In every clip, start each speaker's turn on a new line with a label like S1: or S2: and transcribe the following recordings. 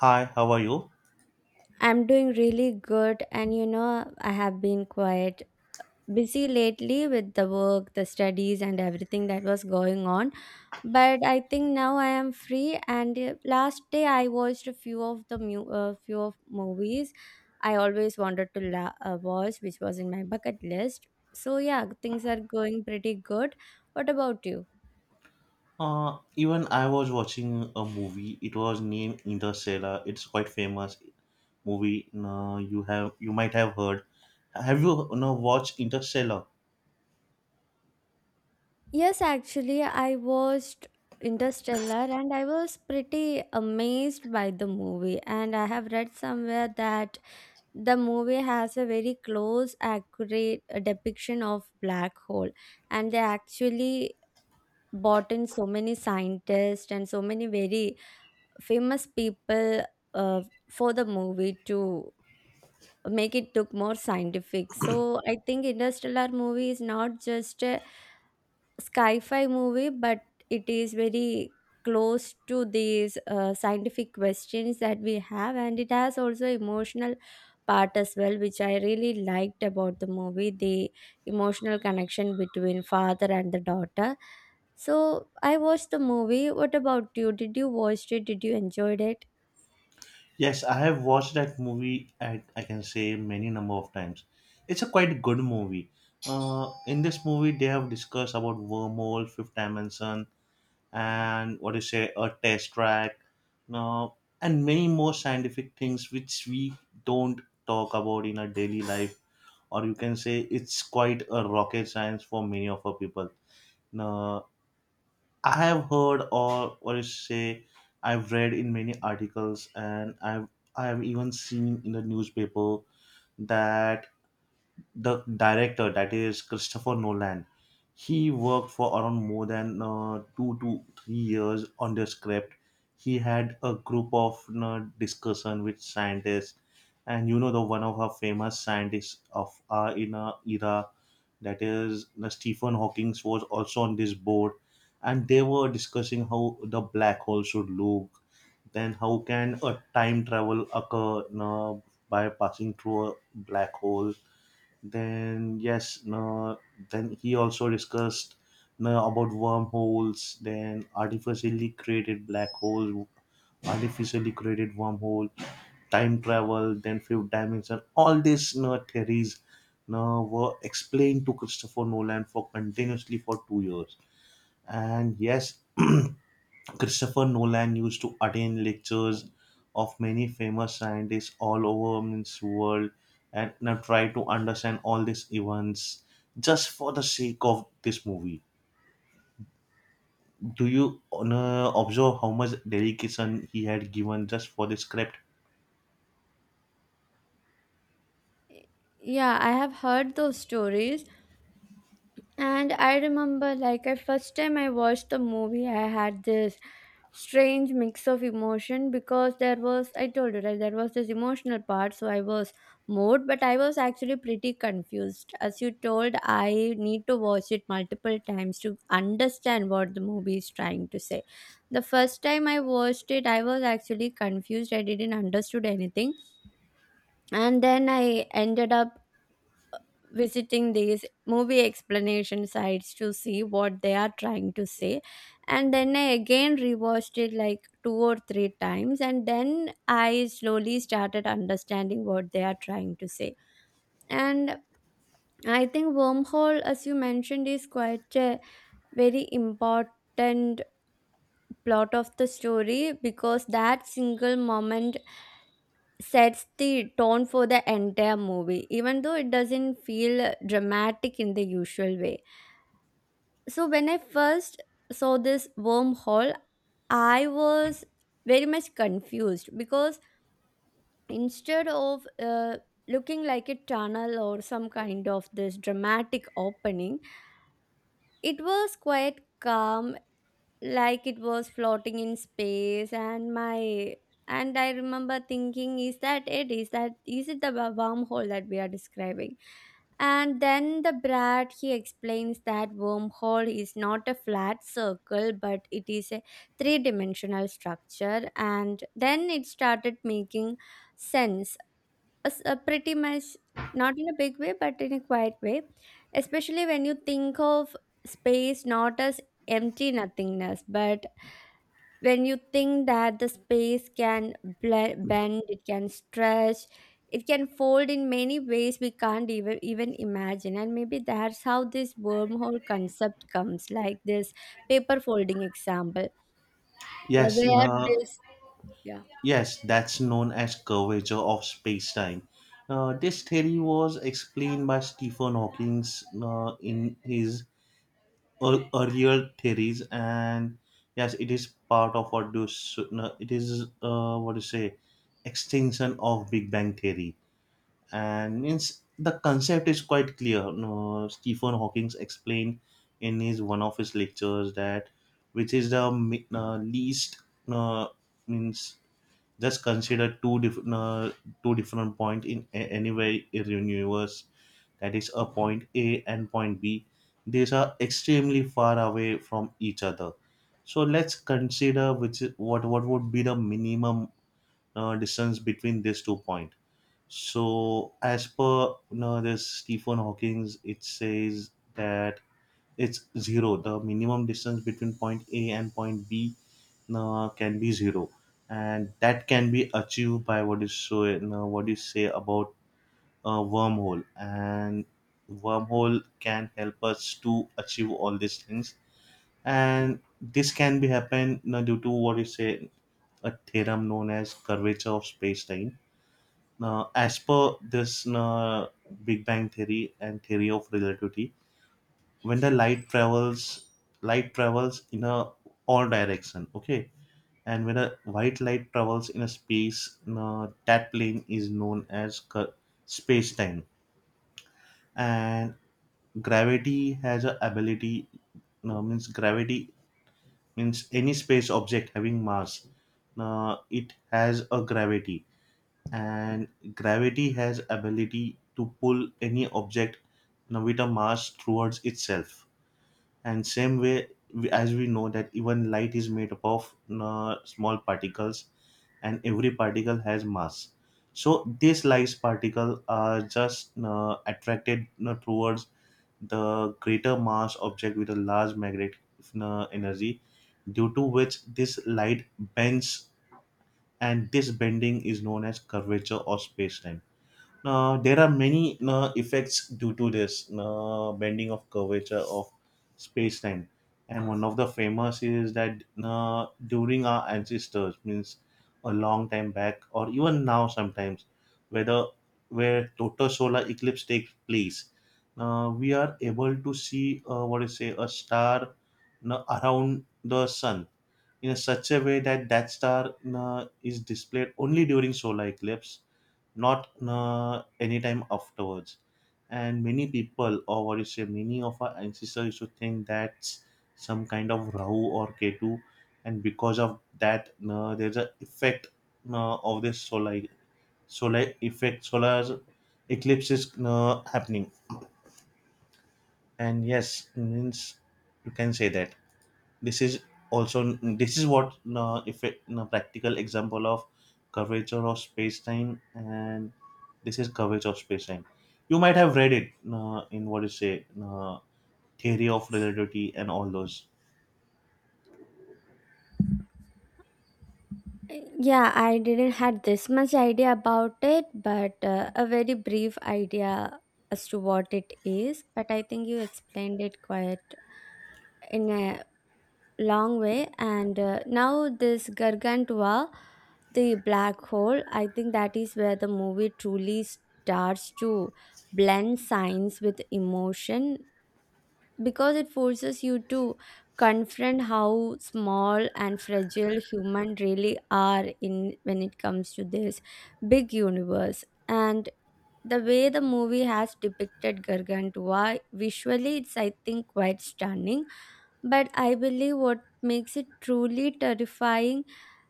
S1: Hi, how are you?
S2: I'm doing really good, and I have been quite busy lately with the work, the studies, and everything that was going on. But I think now I am free. And last day I watched a few of the few of movies I always wanted to watch, which was in my bucket list. So yeah, things are going pretty good. What about you?
S1: Even I was watching a movie. It was named Interstellar. It's quite famous movie. No, you might have heard. Have you no watched Interstellar?
S2: Yes, actually, I watched Interstellar and I was pretty amazed by the movie. And I have read somewhere that the movie has a very close, accurate depiction of black hole. And they actually brought in so many scientists and so many very famous people uh, for the movie to make it look more scientific. So I think Interstellar movie is not just a sci-fi movie, but it is very close to these scientific questions that we have, and it has also emotional part as well, which I really liked about the movie, the emotional connection between father and the daughter. So I watched the movie. What about you? Did you watch it? Did you enjoyed it?
S1: Yes, I have watched that movie. I can say many number of times. It's a quite good movie. In this movie, they have discussed about wormhole, fifth dimension, and what do you say a test track now, and many more scientific things which we don't talk about in our daily life, or you can say it's quite a rocket science for many of our people now. I have heard, or what do you say, I've read in many articles, and I've even seen in the newspaper that the director, that is Christopher Nolan, he worked for around more than 2 to 3 years on the script. He had a group of, you know, discussion with scientists, and you know, the one of our famous scientists of our in our era, that is you stephen hawking, was also on this board. And they were discussing how the black hole should look, then how can a time travel occur, you know, by passing through a black hole. Then yes, no, then he also discussed, no, about wormholes, then artificially created black hole, artificially created wormhole, time travel, then fifth dimension. All these, theories no, were explained to Christopher Nolan for continuously for 2 years. And yes, Christopher Nolan used to attend lectures of many famous scientists all over the world, and now try to understand all these events just for the sake of this movie. Do you observe how much dedication he had given just for the script?
S2: Yeah, I have heard those stories. And I remember, like, I first time I watched the movie, I had this strange mix of emotion because there was, I told you, right, there was this emotional part. So I was moved, but I was actually pretty confused. As you told, I need to watch it multiple times to understand what the movie is trying to say. The first time I watched it, I was actually confused. I didn't understood anything, and then I ended up visiting these movie explanation sites to see what they are trying to say. And then I again rewatched it like two or three times, and then I slowly started understanding what they are trying to say. And I think wormhole, as you mentioned, is quite a very important plot of the story because that single moment sets the tone for the entire movie, even though it doesn't feel dramatic in the usual way. So when I first saw this wormhole, I was very much confused because instead of looking like a tunnel or some kind of this dramatic opening, it was quite calm, like it was floating in space. And my and I remember thinking, is that it is that is it the wormhole that we are describing? And then the Brad, he explains that wormhole is not a flat circle but it is a three dimensional structure, and then it started making sense, pretty much. Not in a big way but in a quiet way, especially when you think of space not as empty nothingness, but when you think that the space can bend, it can stretch, it can fold in many ways we can't even imagine. And maybe that's how this wormhole concept comes, like this paper folding example,
S1: Yes,
S2: where
S1: no,
S2: this yeah.
S1: yes, that's known as curvature of space-time. This theory was explained by Stephen Hawking in his earlier theories, and yes, it is part of what do s- no, it is, what to say extension of big bang theory. And means the concept is quite clear. No, Stephen Hawking explained in his one of his lectures that, which is the least, uh, means just consider two different, two different point in anywhere in universe, that is a point A and point B. These are extremely far away from each other. So let's consider which is, what would be the minimum distance between these two points. So as per, you know, this Stephen Hawking's, it says that it's zero. The minimum distance between point A and point B, can be zero. And that can be achieved by what is so, what you say about a wormhole, and wormhole can help us to achieve all these things. And this can be happen due to what you say, a theorem known as curvature of space-time. Now, as per this, big bang theory and theory of relativity, when the light travels, light travels in a all direction, okay. And when a white light travels in a space, that plane is known as space-time. And gravity has a ability. No, means gravity means any space object having mass, it has a gravity. And gravity has ability to pull any object now with a mass towards itself. And same way, as we know that even light is made up of small particles, and every particle has mass. So these light particles are just attracted you towards the greater mass object with a large magnetic energy, due to which this light bends, and this bending is known as curvature of spacetime. Now, there are many effects due to this bending of curvature of space-time, and one of the famous is that during our ancestors, means a long time back, or even now sometimes, whether where total solar eclipse takes place, we are able to see, what is say a star around the sun in such a way that that star is displayed only during solar eclipse, not anytime afterwards. And many people, or what you say, many of our ancestors used to think that's some kind of Rahu or Ketu, and because of that, there's a effect of this solar eclipses happening. And yes, means you can say that this is also, this is what if it, practical example of curvature of space time. And this is curvature of space time. You might have read it in what is it, theory of relativity and all those.
S2: Yeah, I didn't had this much idea about it, but a very brief idea as to what it is. But I think you explained it quite in a long way. And now this gargantua, the black hole, I think that is where the movie truly starts to blend science with emotion because it forces you to confront how small and fragile human really are in when it comes to this big universe. And the way the movie has depicted gargantua visually, it's, I think, quite stunning. But I believe what makes it truly terrifying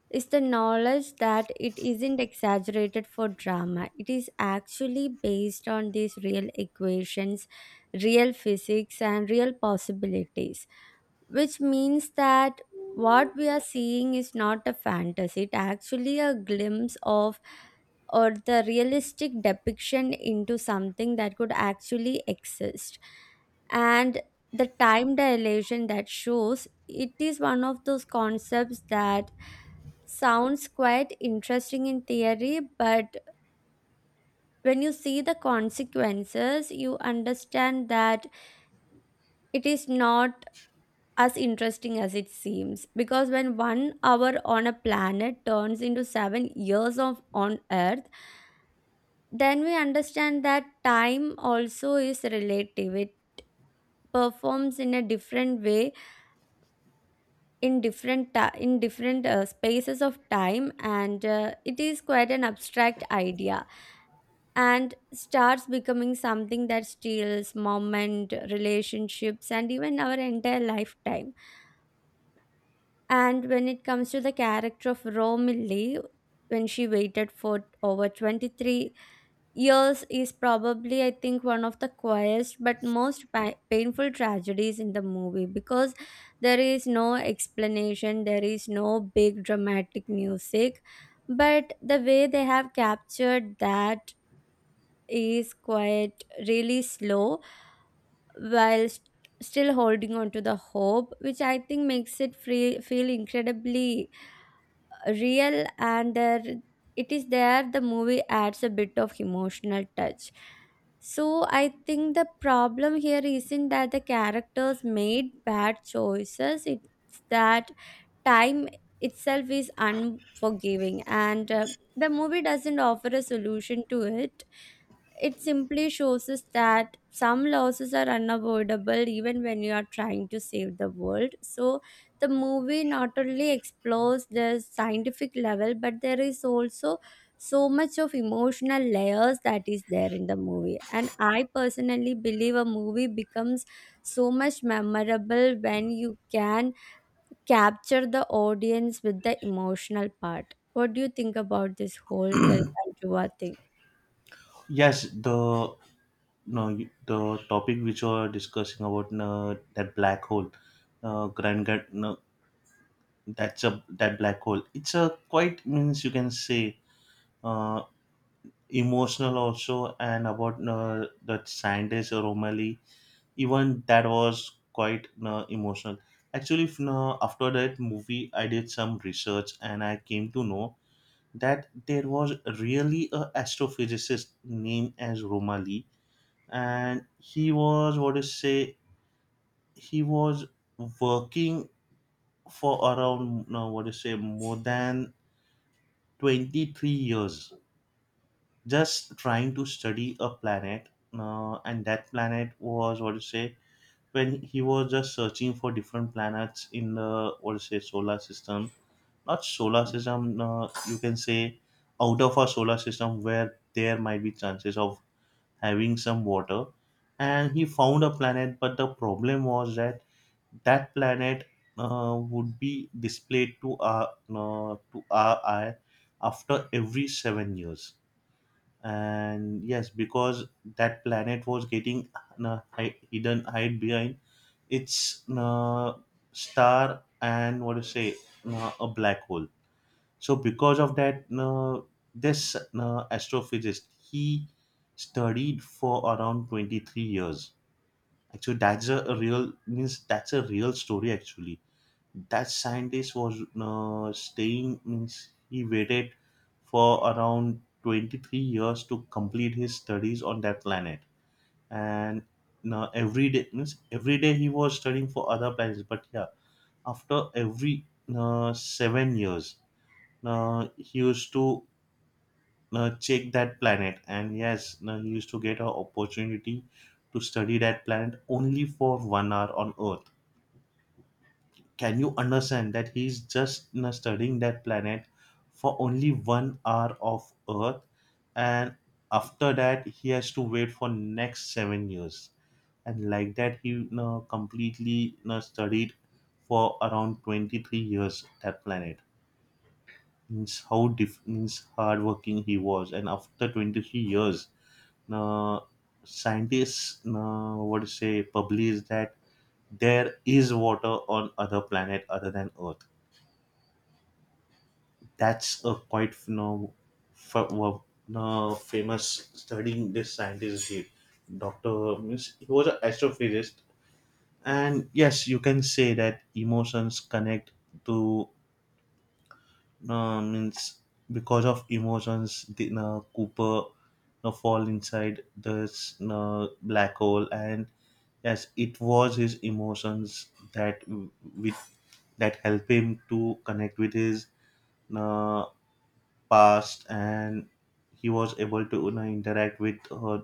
S2: is the knowledge that it isn't exaggerated for drama. It is actually based on these real equations, real physics, and real possibilities, which means that what we are seeing is not a fantasy, it actually a glimpse of or the realistic depiction into something that could actually exist. And the time dilation that shows it is one of those concepts that sounds quite interesting in theory, but when you see the consequences you understand that it is not as interesting as it seems, because when 1 hour on a planet turns into 7 years of on earth, then we understand that time also is relative, it performs in a different way in different ti in different spaces of time. And it is quite an abstract idea and starts becoming something that steals moment relationships and even our entire lifetime. And when it comes to the character of Romilly, when she waited for over 23 years, is probably, I think, one of the quietest but most painful tragedies in the movie because there is no explanation, there is no big dramatic music. But the way they have captured that is quite really slow, while still holding on to the hope, which I think makes it feel incredibly real. And there, it is there the movie adds a bit of emotional touch. So I think the problem here isn't that the characters made bad choices, it's that time itself is unforgiving, and the movie doesn't offer a solution to it. It simply shows us that some losses are unavoidable, even when you are trying to save the world. So, the movie not only explores the scientific level, but there is also so much of emotional layers that is there in the movie. And I personally believe a movie becomes so much memorable when you can capture the audience with the emotional part. What do you think about this whole Gargantua thing?
S1: Yes, the no you- the topic which you are discussing about, that black hole, grand, grand no, that's a, that black hole, it's a quite, means you can say, uh, emotional also. And about, the scientist Romali. Even that was quite emotional. Actually, if, after that movie, I did some research and I came to know that there was really a astrophysicist named as Romali, and he was what to say, he was working for around, what to say more than 23 years, just trying to study a planet, and that planet was what to say, when he was just searching for different planets in the what to say solar system, not solar system, you can say, out of our solar system, where there might be chances of having some water. And he found a planet, but the problem was that, that planet would be displayed to our eye after every 7 years. And yes, because that planet was getting hi- hidden hide behind its, star, and what to say, a black hole. So because of that, this astrophysicist, he studied for around 23 years. Actually, that's a real, means that's a real story actually. That scientist was staying, means he waited for around 23 years to complete his studies on that planet. And now every day, means every day he was studying for other planets. But yeah, after every 7 years, he used to check that planet, and yes, he used to get an opportunity to study that planet only for 1 hour on Earth. Can you understand that he's just, you know, studying that planet for only 1 hour of earth, and after that he has to wait for next 7 years? And like that, he, you know, completely, you know, studied for around 23 years that planet. Means how diff- means hardworking he was. And after 23 years, uh, scientists, what to say published that there is water on other planet other than earth. That's a quite, no, f- w- no, famous studying this scientist did. Dr. means he was an astrophysicist. And yes, you can say that emotions connect to, no means because of emotions, the, Cooper no, fall inside this, no, black hole. And yes, it was his emotions that with that help him to connect with his, uh, past. And he was able to, you know, interact with her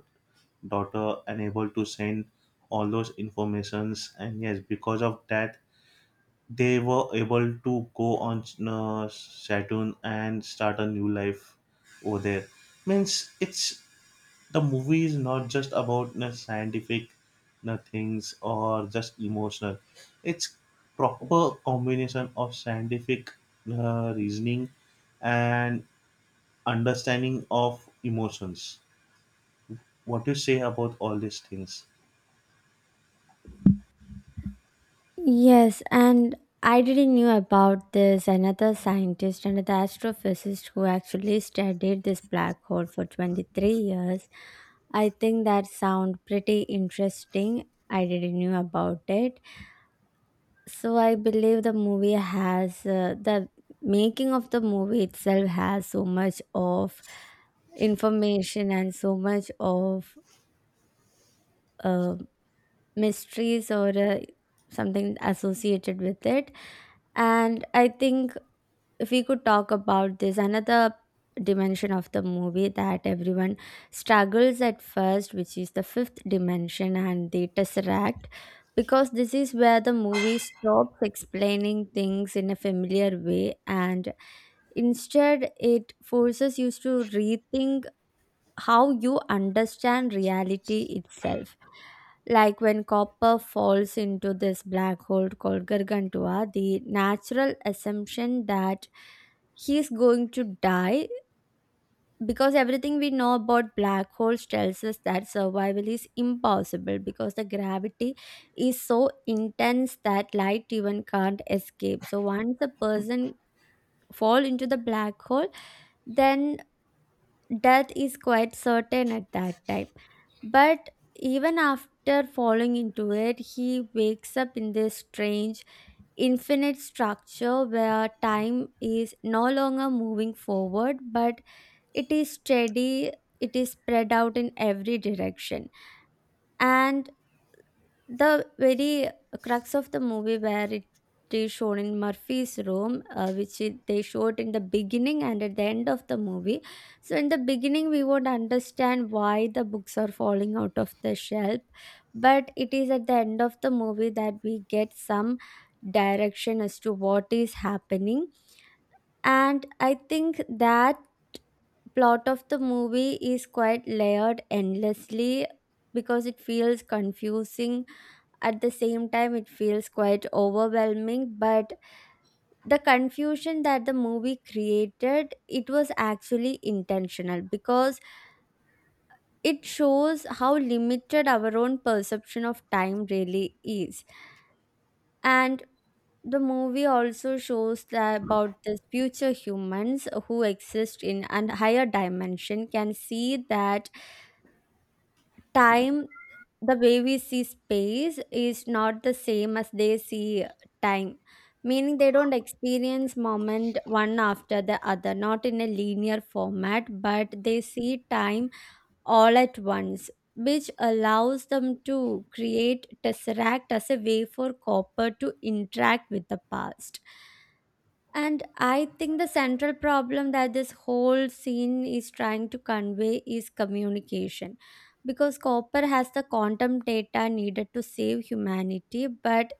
S1: daughter, and able to send all those informations. And yes, because of that, they were able to go on, Saturn and start a new life over there. Means it's, the movie is not just about, you know, scientific, you know, things or just emotional. It's proper combination of scientific reasoning and understanding of emotions. What you say about all these things?
S2: Yes, and I didn't knew about this another scientist, another astrophysicist who actually studied this black hole for 23 years. I think that sound pretty interesting. I didn't knew about it. So I believe the movie has the making of the movie itself has so much of information and so much of uh, mysteries, or something associated with it. And I think if we could talk about this, another dimension of the movie that everyone struggles at first, which is the fifth dimension and the tesseract, because this is where the movie stops explaining things in a familiar way, and instead it forces you to rethink how you understand reality itself. Like when copper falls into this black hole called Gargantua, the natural assumption that he's going to die, because everything we know about black holes tells us that survival is impossible because the gravity is so intense that light even can't escape. So once a person fall into the black hole, then death is quite certain at that time. But even after falling into it, he wakes up in this strange, infinite structure where time is no longer moving forward, but it is steady, it is spread out in every direction. And the very crux of the movie where it is shown in Murphy's room, which it, they showed in the beginning and at the end of the movie. So in the beginning, we won't understand why the books are falling out of the shelf, but it is at the end of the movie that we get some direction as to what is happening. And I think that plot of the movie is quite layered endlessly because it feels confusing. At the same time, it feels quite overwhelming, but the confusion that the movie created, it was actually intentional because it shows how limited our own perception of time really is. And the movie also shows that about the future humans who exist in a higher dimension can see that time the way we see space is not the same as they see time, meaning they don't experience moment one after the other, not in a linear format, but they see time all at once, which allows them to create tesseract as a way for copper to interact with the past. And I think the central problem that this whole scene is trying to convey is communication. Because Copper has the quantum data needed to save humanity, but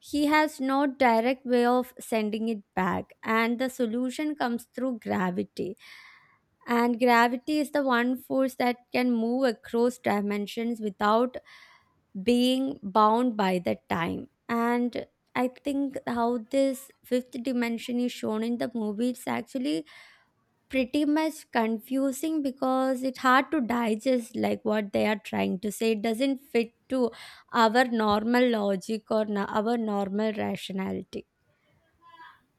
S2: he has no direct way of sending it back, and the solution comes through gravity. And gravity is the one force that can move across dimensions without being bound by the time. And I think how this fifth dimension is shown in the movie, it's actually pretty much confusing because it's hard to digest like what they are trying to say. It doesn't fit to our normal logic, or our normal rationality.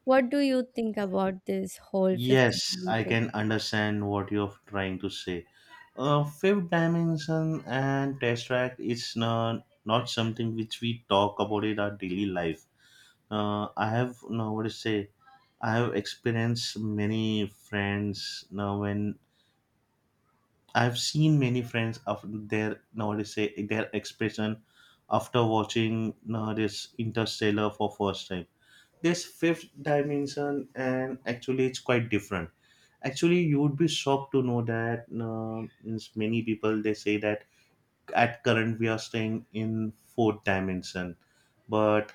S2: What do you think about this whole fifth
S1: Yes, I
S2: dimension?
S1: can understand what you're trying to say. Fifth dimension and test track is not something which we talk about in our daily life. I have now what to say, I have experienced many friends now when I've seen many friends of their, now what to say, their expression after watching now this Interstellar for first time, this fifth dimension, and actually it's quite different. Actually, you would be shocked to know that, means many people they say that at current we are staying in fourth dimension, but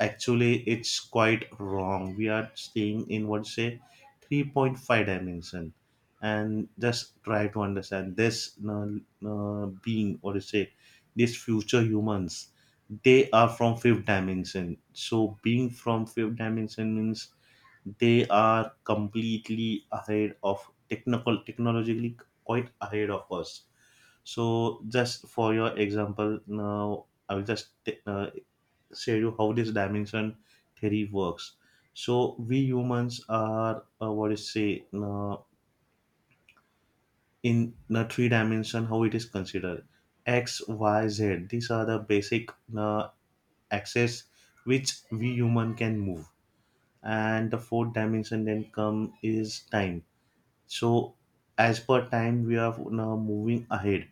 S1: actually it's quite wrong. We are staying in what say 3.5 dimension. And just try to understand this, being, or say, these future humans, they are from fifth dimension. So being from fifth dimension means they are completely ahead of technical technologically, quite ahead of us. So just for your example, now I will just say you how this dimension theory works. So we humans are, what is say in the three dimension, how it is considered x y z, these are the basic uh, axes which we human can move, and the fourth dimension then come is time. So as per time we are now moving ahead.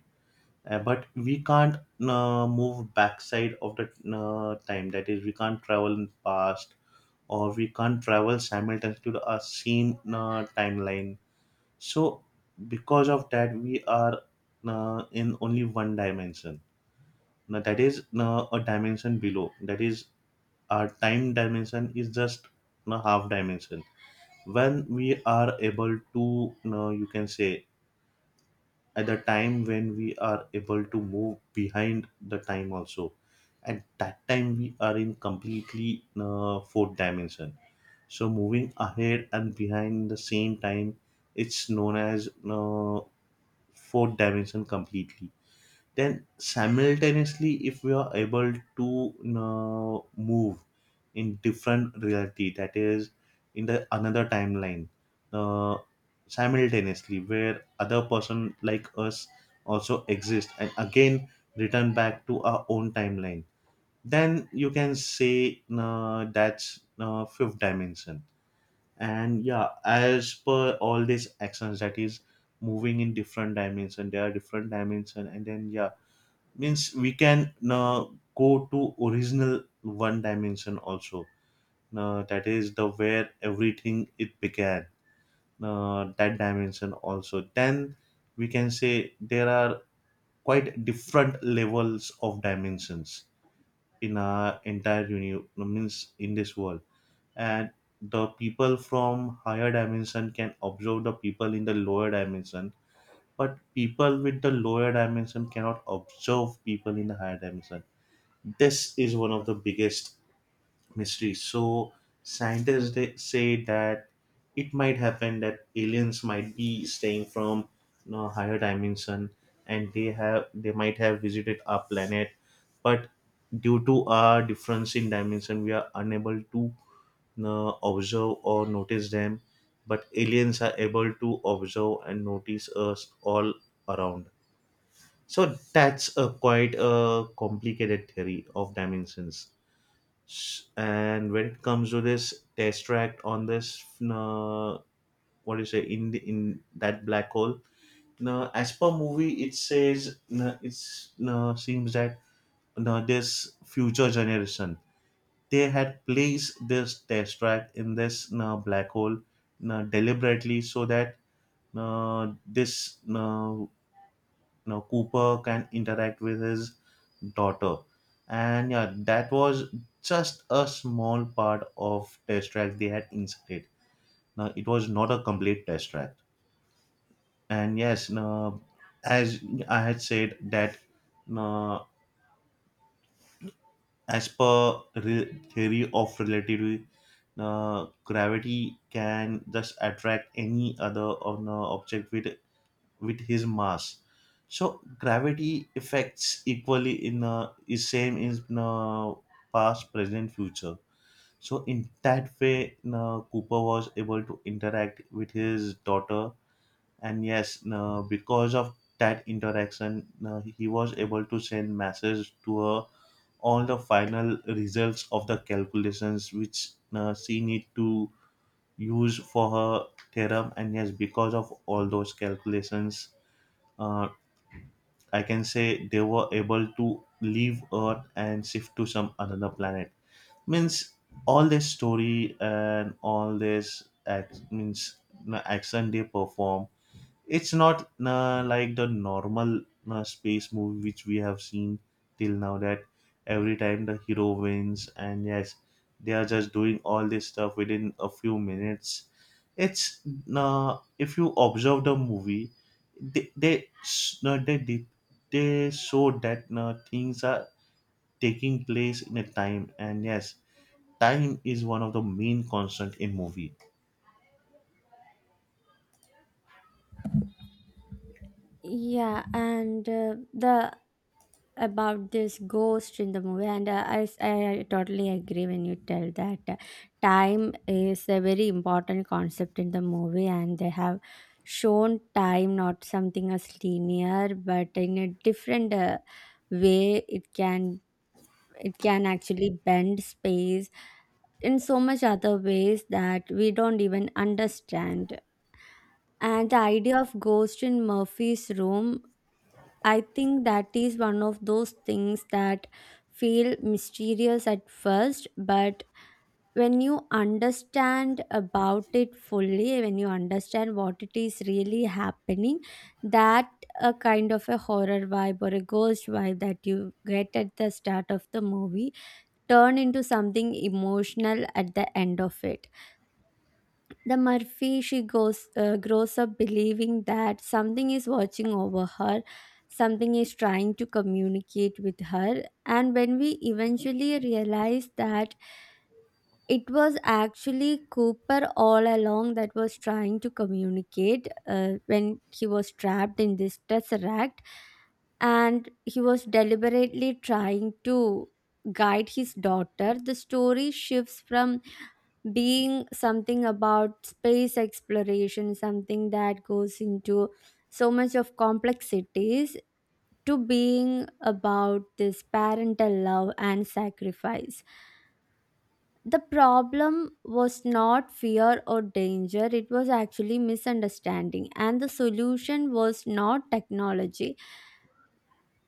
S1: But we can't move backside of the time, that is we can't travel in past, or we can't travel simultaneously to the same timeline. So because of that we are in only one dimension now, that is a dimension below. That is our time dimension is just a half dimension. When we are able to you can say, at the time when we are able to move behind the time also, at that time we are in completely fourth dimension. So moving ahead and behind the same time, it's known as fourth dimension completely. Then simultaneously, if we are able to you move in different reality, that is in the another timeline, uh, simultaneously where other person like us also exist, and again return back to our own timeline, then you can say that's fifth dimension. And yeah, as per all these actions, that is moving in different dimension, there are different dimension, and then yeah, means we can go to original one dimension also, that is the where everything it began, that dimension also. Then we can say there are quite different levels of dimensions in our entire means in this world. And the people from higher dimension can observe the people in the lower dimension, but people with the lower dimension cannot observe people in the higher dimension. This is one of the biggest mysteries. So scientists, they say that it might happen that aliens might be staying from, you know, higher dimension, and they might have visited our planet, but due to our difference in dimension we are unable to observe or notice them, but aliens are able to observe and notice us all around. So that's a quite a complicated theory of dimensions. And when it comes to this test track on this, uh, what do you say, in in that black hole, now as per movie it says, it's seems that this future generation, they had placed this test track in this black hole deliberately, so that this you know, Cooper can interact with his daughter. And yeah, that was just a small part of test track they had inserted. Now it was not a complete test track. And yes, now, as I had said that now, as per theory of relativity, now, gravity can just attract any other or no object with his mass. So gravity affects equally in, is same in past, present, future. So in that way, Cooper was able to interact with his daughter, and yes, because of that interaction, he was able to send messages to her, all the final results of the calculations which she need to use for her theorem. And yes, because of all those calculations, uh, I can say they were able to leave Earth and shift to some another planet. Means all this story and all this act, means the action they perform. It's not na like the normal na space movie which we have seen till now, that every time the hero wins, and yes, they are just doing all this stuff within a few minutes. It's if you observe the movie, they s- they did they show that things are taking place in a time, and yes, time is one of the main constant in movie.
S2: Yeah, and the about this ghost in the movie, and I totally agree when you tell that time is a very important concept in the movie, and they have shown time not something as linear, but in a different way. It can actually bend space in so much other ways that we don't even understand. And the idea of ghost in Murphy's room, I think that is one of those things that feel mysterious at first, but when you understand about it fully, when you understand what it is really happening, that a kind of a horror vibe or a ghost vibe that you get at the start of the movie turn into something emotional at the end of it. The Murphy, she goes grows up believing that something is watching over her, something is trying to communicate with her, and when we eventually realize that it was actually Cooper all along that was trying to communicate when he was trapped in this tesseract, and he was deliberately trying to guide his daughter. The story shifts from being something about space exploration, something that goes into so much of complexities, to being about this parental love and sacrifice. The problem was not fear or danger, it was actually misunderstanding, and the solution was not technology.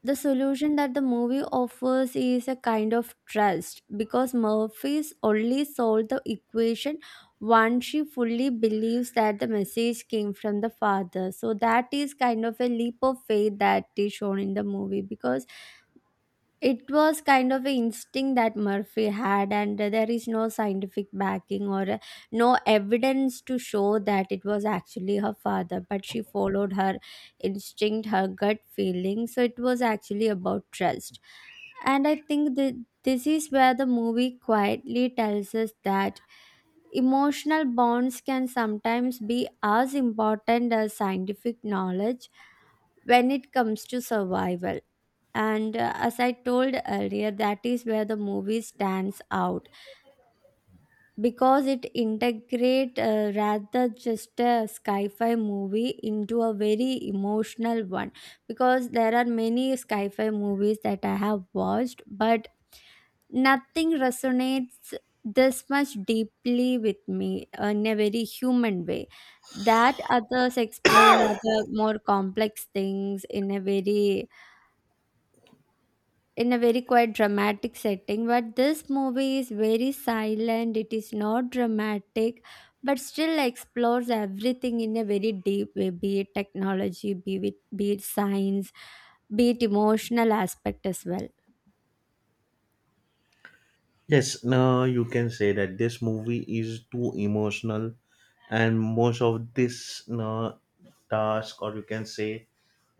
S2: The solution that the movie offers is a kind of trust, because Murphy's only solved the equation once she fully believes that the message came from the father. So that is kind of a leap of faith that is shown in the movie, because it was kind of an instinct that Murphy had, and there is no scientific backing or no evidence to show that it was actually her father. But she followed her instinct, her gut feeling. So it was actually about trust. And I think that this is where the movie quietly tells us that emotional bonds can sometimes be as important as scientific knowledge when it comes to survival. And as I told earlier, that is where the movie stands out, because it integrate rather just a sci-fi movie into a very emotional one, because there are many sci-fi movies that I have watched, but nothing resonates this much deeply with me, in a very human way. That others explain other more complex things in a very quite dramatic setting, but this movie is very silent, it is not dramatic but still explores everything in a very deep way, be it technology, be it science, be it emotional aspect as well.
S1: Yes, now you can say that this movie is too emotional, and most of this no, task, or you can say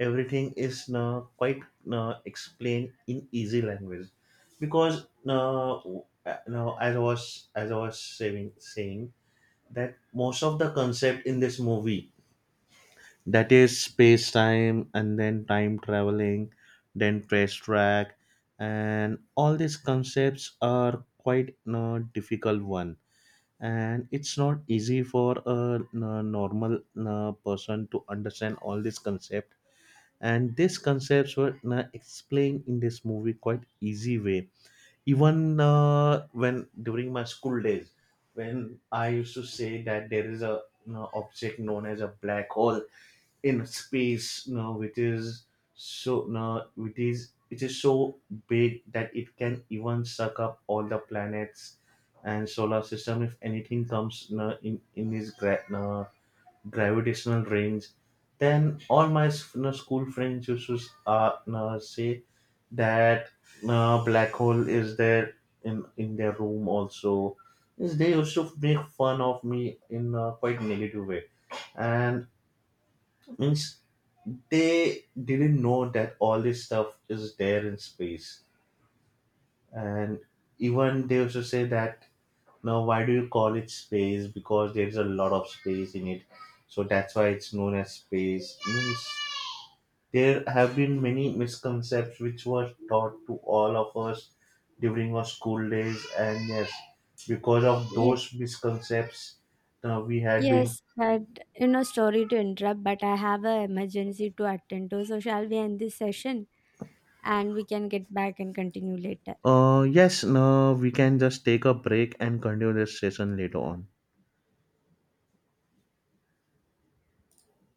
S1: everything is no, quite no, explained in easy language, because no, as I was saying that most of the concept in this movie, that is space time and then time traveling, then trace track, and all these concepts are quite a difficult one, and it's not easy for a normal person to understand all these concepts. And these concepts were explained in this movie quite easy way. Even when during my school days, when I used to say that there is a object known as a black hole in space, now it is it is so big that it can even suck up all the planets and solar system if anything comes now in its gra- now gravitational range, then all my s- now school friends used to s- now say that now black hole is there in their room also. Is they used to make fun of me in a quite negative way. And means they didn't know that all this stuff is there in space. And even they also say that now, why do you call it space, because there's a lot of space in it, so that's why it's known as space. Means there have been many misconceptions which were taught to all of us during our school days, and yes, because of
S2: Ye-
S1: those misconceptions we had been.
S2: yes, but sorry to interrupt, but I have a emergency to attend to, so shall we end this session and we can get back and continue later?
S1: Yes, no, we can just take a break and continue this session later on.